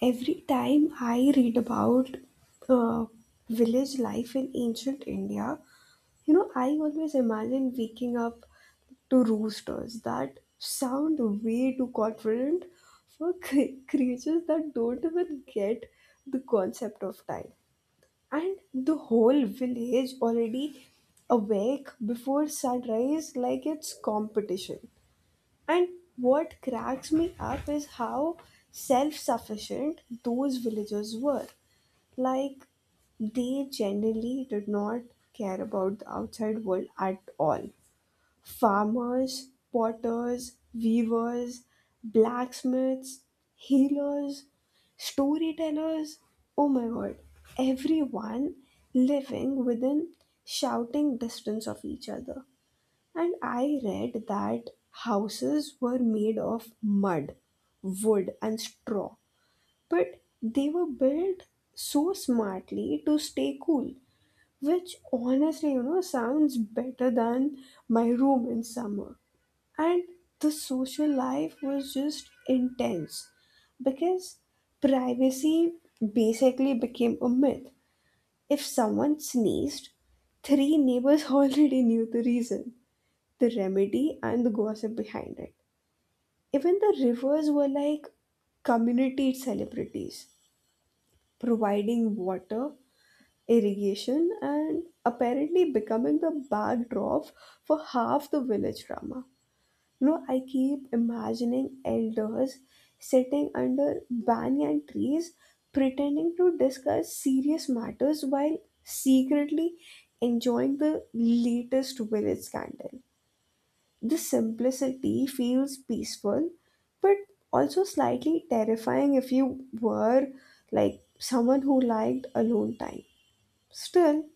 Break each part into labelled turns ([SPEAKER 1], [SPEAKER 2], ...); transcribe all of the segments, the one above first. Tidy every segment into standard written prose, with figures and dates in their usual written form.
[SPEAKER 1] Every time I read about uh, village life in ancient India, you know, I always imagine waking up to roosters that sound way too confident for creatures that don't even get the concept of time. And the whole village already awake before sunrise like it's competition. And what cracks me up is how self sufficient those villagers were. Like, they generally did not care about the outside world at all. Farmers, potters, weavers, blacksmiths, healers, storytellers, oh my god, everyone living within shouting distance of each other. And I read that houses were made of mud, wood, and straw, but they were built so smartly to stay cool, which honestly, you know, sounds better than my room in summer. And the social life was just intense because privacy basically became a myth. If someone sneezed, three neighbors already knew the reason, the remedy, and the gossip behind it. Even the rivers were like community celebrities, providing water, irrigation, and apparently becoming the backdrop for half the village drama. You know, I keep imagining elders sitting under banyan trees pretending to discuss serious matters while secretly enjoying the latest village scandal. The simplicity feels peaceful, but also slightly terrifying if you were like someone who liked alone time. Still,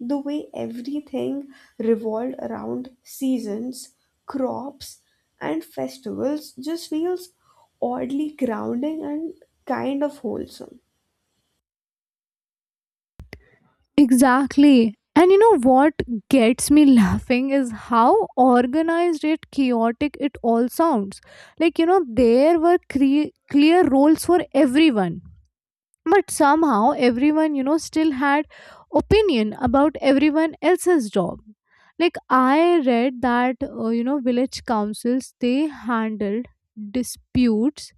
[SPEAKER 1] the way everything revolved around seasons, crops, and festivals just feels oddly grounding and kind of wholesome.
[SPEAKER 2] Exactly. And you know what gets me laughing is how organized it chaotic it all sounds. Like there were clear roles for everyone. But somehow everyone still had opinion about everyone else's job. Like I read that village councils they handled disputes,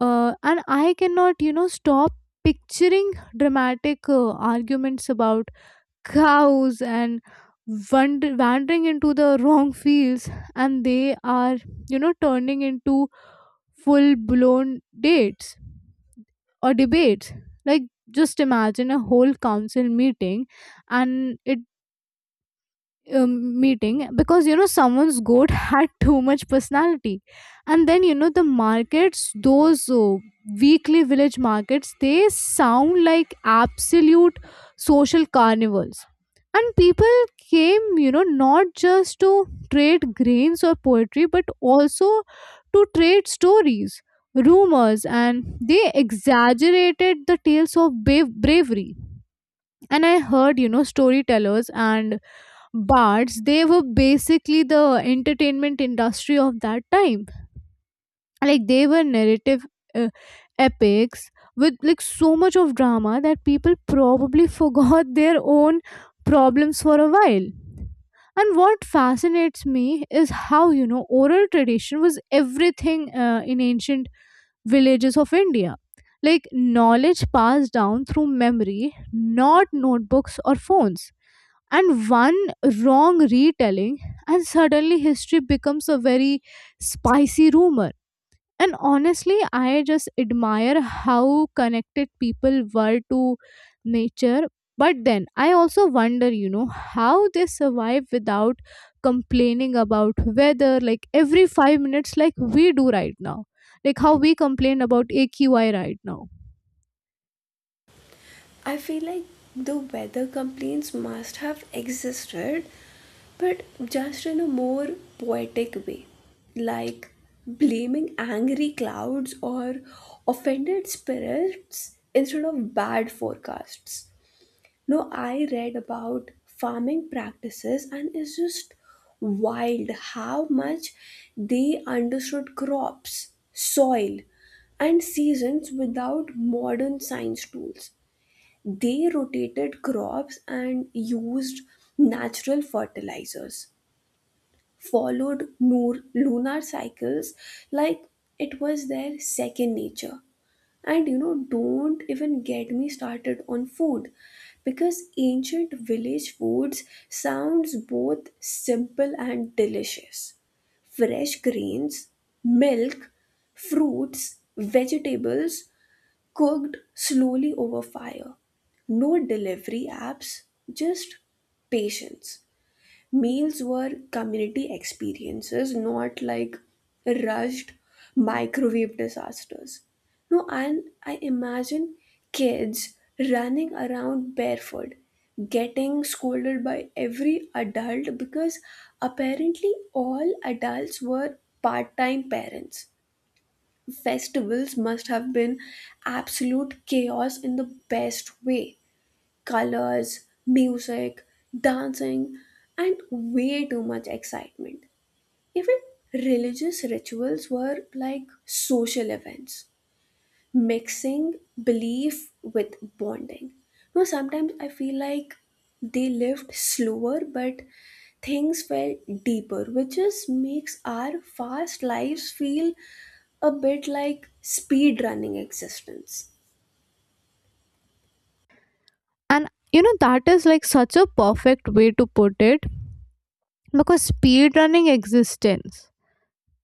[SPEAKER 2] and I cannot stop picturing dramatic arguments about cows and wandering into the wrong fields, and they are turning into full blown dates or debates. Like just imagine a whole council meeting and it meeting because someone's goat had too much personality. And then the markets, those weekly village markets, they sound like absolute social carnivals. And people came, not just to trade grains or poetry but also to trade stories, rumors, and they exaggerated the tales of bravery. And I heard storytellers and bards, they were basically the entertainment industry of that time. Like they were narrative, uh, epics, with like so much of drama that people probably forgot their own problems for a while. And what fascinates me is how oral tradition was everything, in ancient villages of India. Like knowledge passed down through memory, not notebooks or phones. And one wrong retelling, and suddenly history becomes a very spicy rumor. And honestly, I just admire how connected people were to nature. But then I also wonder, how they survive without complaining about weather like every 5 minutes, like we do right now. Like how we complain about AQI right now.
[SPEAKER 1] I feel like the weather complaints must have existed, but just in a more poetic way, like blaming angry clouds or offended spirits instead of bad forecasts. No, I read about farming practices and it's just wild how much they understood crops, soil, and seasons without modern science tools. They rotated crops and used natural fertilizers, followed lunar cycles like it was their second nature. And you know, don't even get me started on food, because ancient village foods sounds both simple and delicious. Fresh grains, milk, fruits, vegetables cooked slowly over fire. No delivery apps, just patience. Meals were community experiences, not like rushed microwave disasters. No, and I imagine kids running around barefoot, getting scolded by every adult because apparently all adults were part time parents. Festivals must have been absolute chaos in the best way. Colors, music, dancing, and way too much excitement. Even religious rituals were like social events, mixing belief with bonding. No, sometimes I feel like they lived slower, but things felt deeper, which just makes our fast lives feel a bit like speed running existence.
[SPEAKER 2] And that is like such a perfect way to put it, because speed running existence.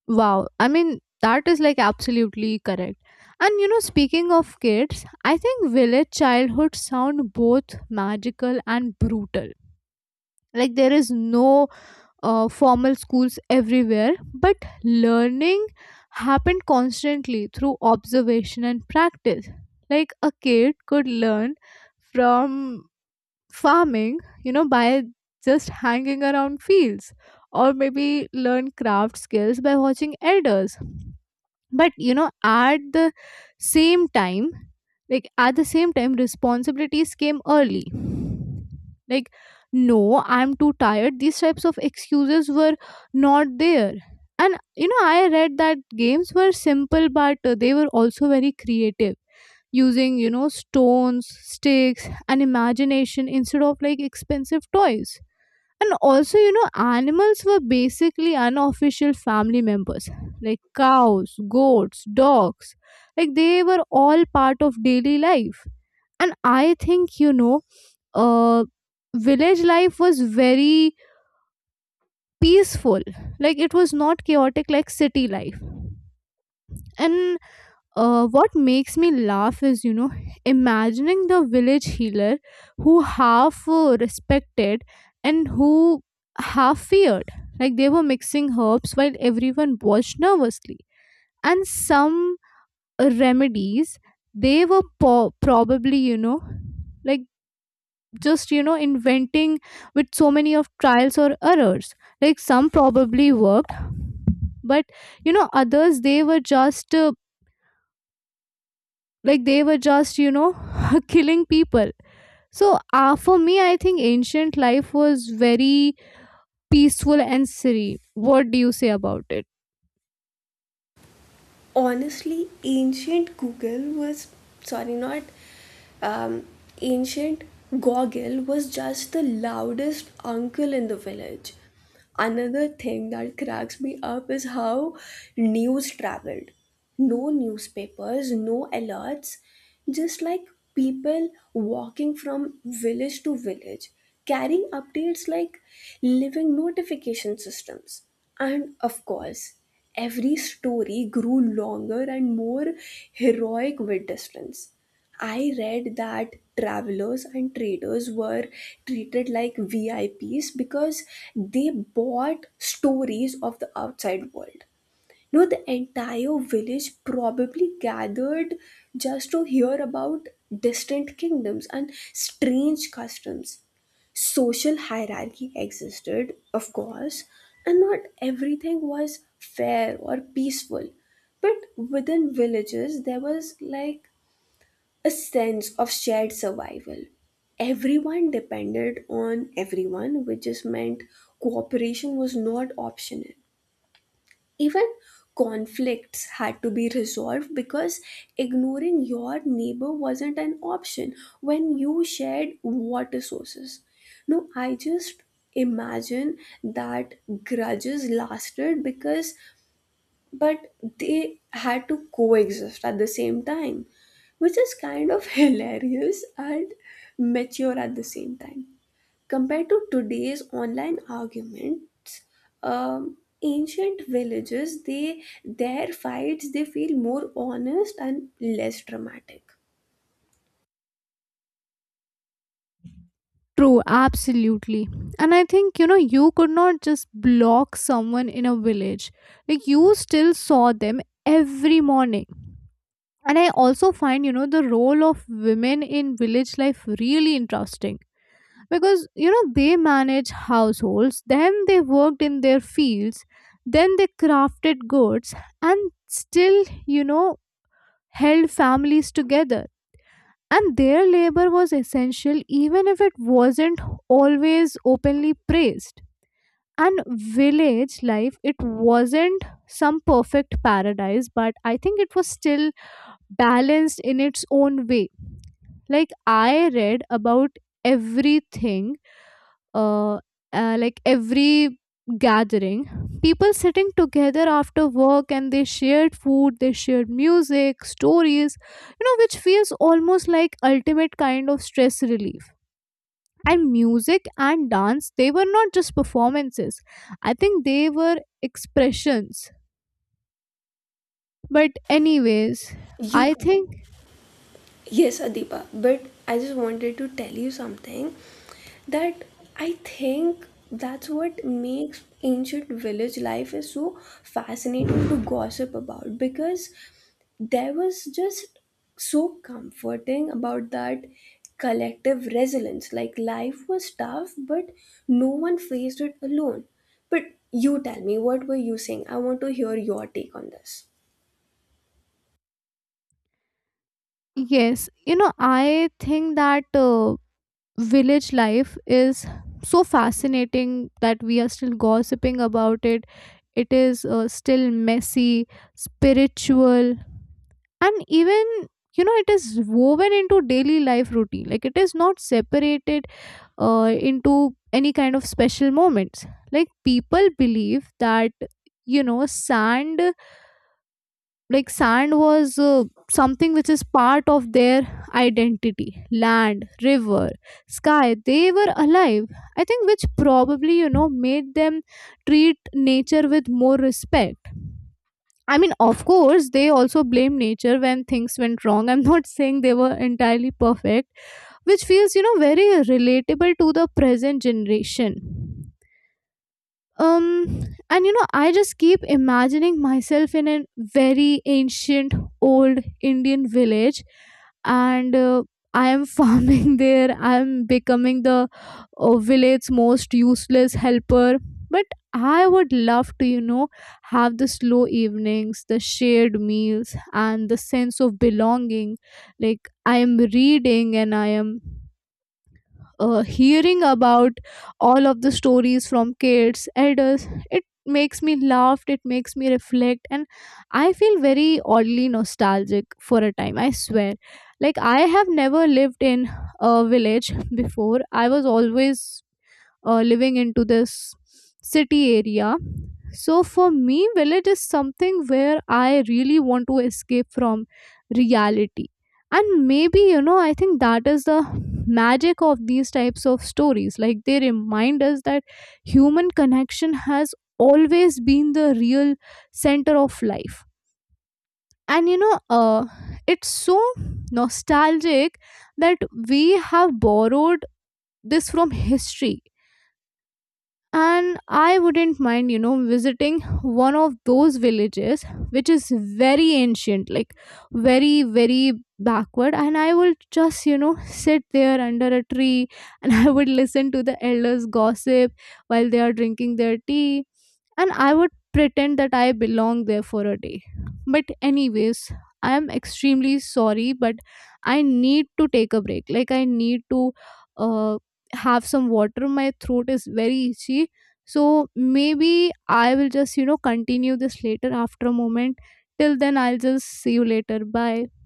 [SPEAKER 2] Wow. I mean, that is like absolutely correct. And speaking of kids, I think village childhood sound both magical and brutal. Like there is no formal schools everywhere, but learning happened constantly through observation and practice. Like a kid could learn from farming, by just hanging around fields, or maybe learn craft skills by watching elders. But at the same time, responsibilities came early. Like no, I'm too tired, these types of excuses were not there. And I read that games were simple, but they were also very creative, using stones, sticks, and imagination instead of like expensive toys. And also, animals were basically unofficial family members, like cows, goats, dogs. Like they were all part of daily life. And I think, uh, village life was very peaceful. Like it was not chaotic like city life. And what makes me laugh is imagining the village healer, who half respected and who half feared, like they were mixing herbs while everyone watched nervously. And some remedies, they were probably, you know like just you know inventing with so many of trials or errors. Like some probably worked, but others, they were just killing people. So, for me I think ancient life was very peaceful and serene. What do you say about it?
[SPEAKER 1] Honestly, ancient Google was, sorry, not um, ancient Goggle was just the loudest uncle in the village. Another thing that cracks me up is how news traveled. No newspapers, no alerts, just like people walking from village to village, carrying updates like living notification systems. And of course, every story grew longer and more heroic with distance. I read that travelers and traders were treated like VIPs because they bought stories of the outside world. No, the entire village probably gathered just to hear about distant kingdoms and strange customs. Social hierarchy existed, of course, and not everything was fair or peaceful. But within villages, there was like a sense of shared survival. Everyone depended on everyone, which just meant cooperation was not optional. Even conflicts had to be resolved because ignoring your neighbor wasn't an option when you shared water sources. No, I just imagine that grudges lasted because, but they had to coexist at the same time, which is kind of hilarious and mature at the same time. Compared to today's online arguments, ancient villages, they, their fights, they feel more honest and less dramatic.
[SPEAKER 2] True, absolutely. And I think, you could not just block someone in a village. Like you still saw them every morning. And I also find, the role of women in village life really interesting, because they managed households, then they worked in their fields, then they crafted goods, and still, you know held families together. And their labor was essential, even if it wasn't always openly praised. And village life, it wasn't some perfect paradise, but I think it was still balanced in its own way. Like I read about everything, uh, like every gathering, people sitting together after work, and they shared food, they shared music, stories, which feels almost like ultimate kind of stress relief. And music and dance, they were not just performances, I think they were expressions. But anyways,
[SPEAKER 1] You.
[SPEAKER 2] I think
[SPEAKER 1] Yes, Adipa, but I just wanted to tell you something, that I think that's what makes ancient village life is so fascinating to gossip about, because there was just so comforting about that collective resilience. Like life was tough, but no one faced it alone. But you tell me, what were you saying? I want to hear your take on this.
[SPEAKER 2] yes, I think that, village life is so fascinating that we are still gossiping about it. It is, still messy, spiritual, and even, it is woven into daily life routine. Like it is not separated, into any kind of special moments. Like people believe that, sand, sand was, something which is part of their identity. Land, river, sky, they were alive, I think, which probably, made them treat nature with more respect. I mean, of course, they also blame nature when things went wrong. I'm not saying they were entirely perfect, which feels, very relatable to the present generation. um and I just keep imagining myself in a very ancient old Indian village. And I am farming there. I'm becoming the, village's most useless helper. But I would love to, have the slow evenings, the shared meals, and the sense of belonging. Like I am reading and I am, hearing about all of the stories from kids, elders. It makes me laugh, it makes me reflect, and I feel very oddly nostalgic for a time, I swear. Like I have never lived in a village before. I was always, living into this city area. So for me, village is something where I really want to escape from reality. And maybe, I think that is the magic of these types of stories. Like they remind us that human connection has always been the real center of life. And it's so nostalgic that we have borrowed this from history. And I wouldn't mind, visiting one of those villages which is very ancient, like very very backward. And I will just, sit there under a tree, and I would listen to the elders gossip while they are drinking their tea, and I would pretend that I belong there for a day. But anyways, I am extremely sorry, but I need to take a break. Like I need to, uh, have some water, my throat is very itchy. So maybe I will just, continue this later after a moment. Till then, I'll just see you later. Bye.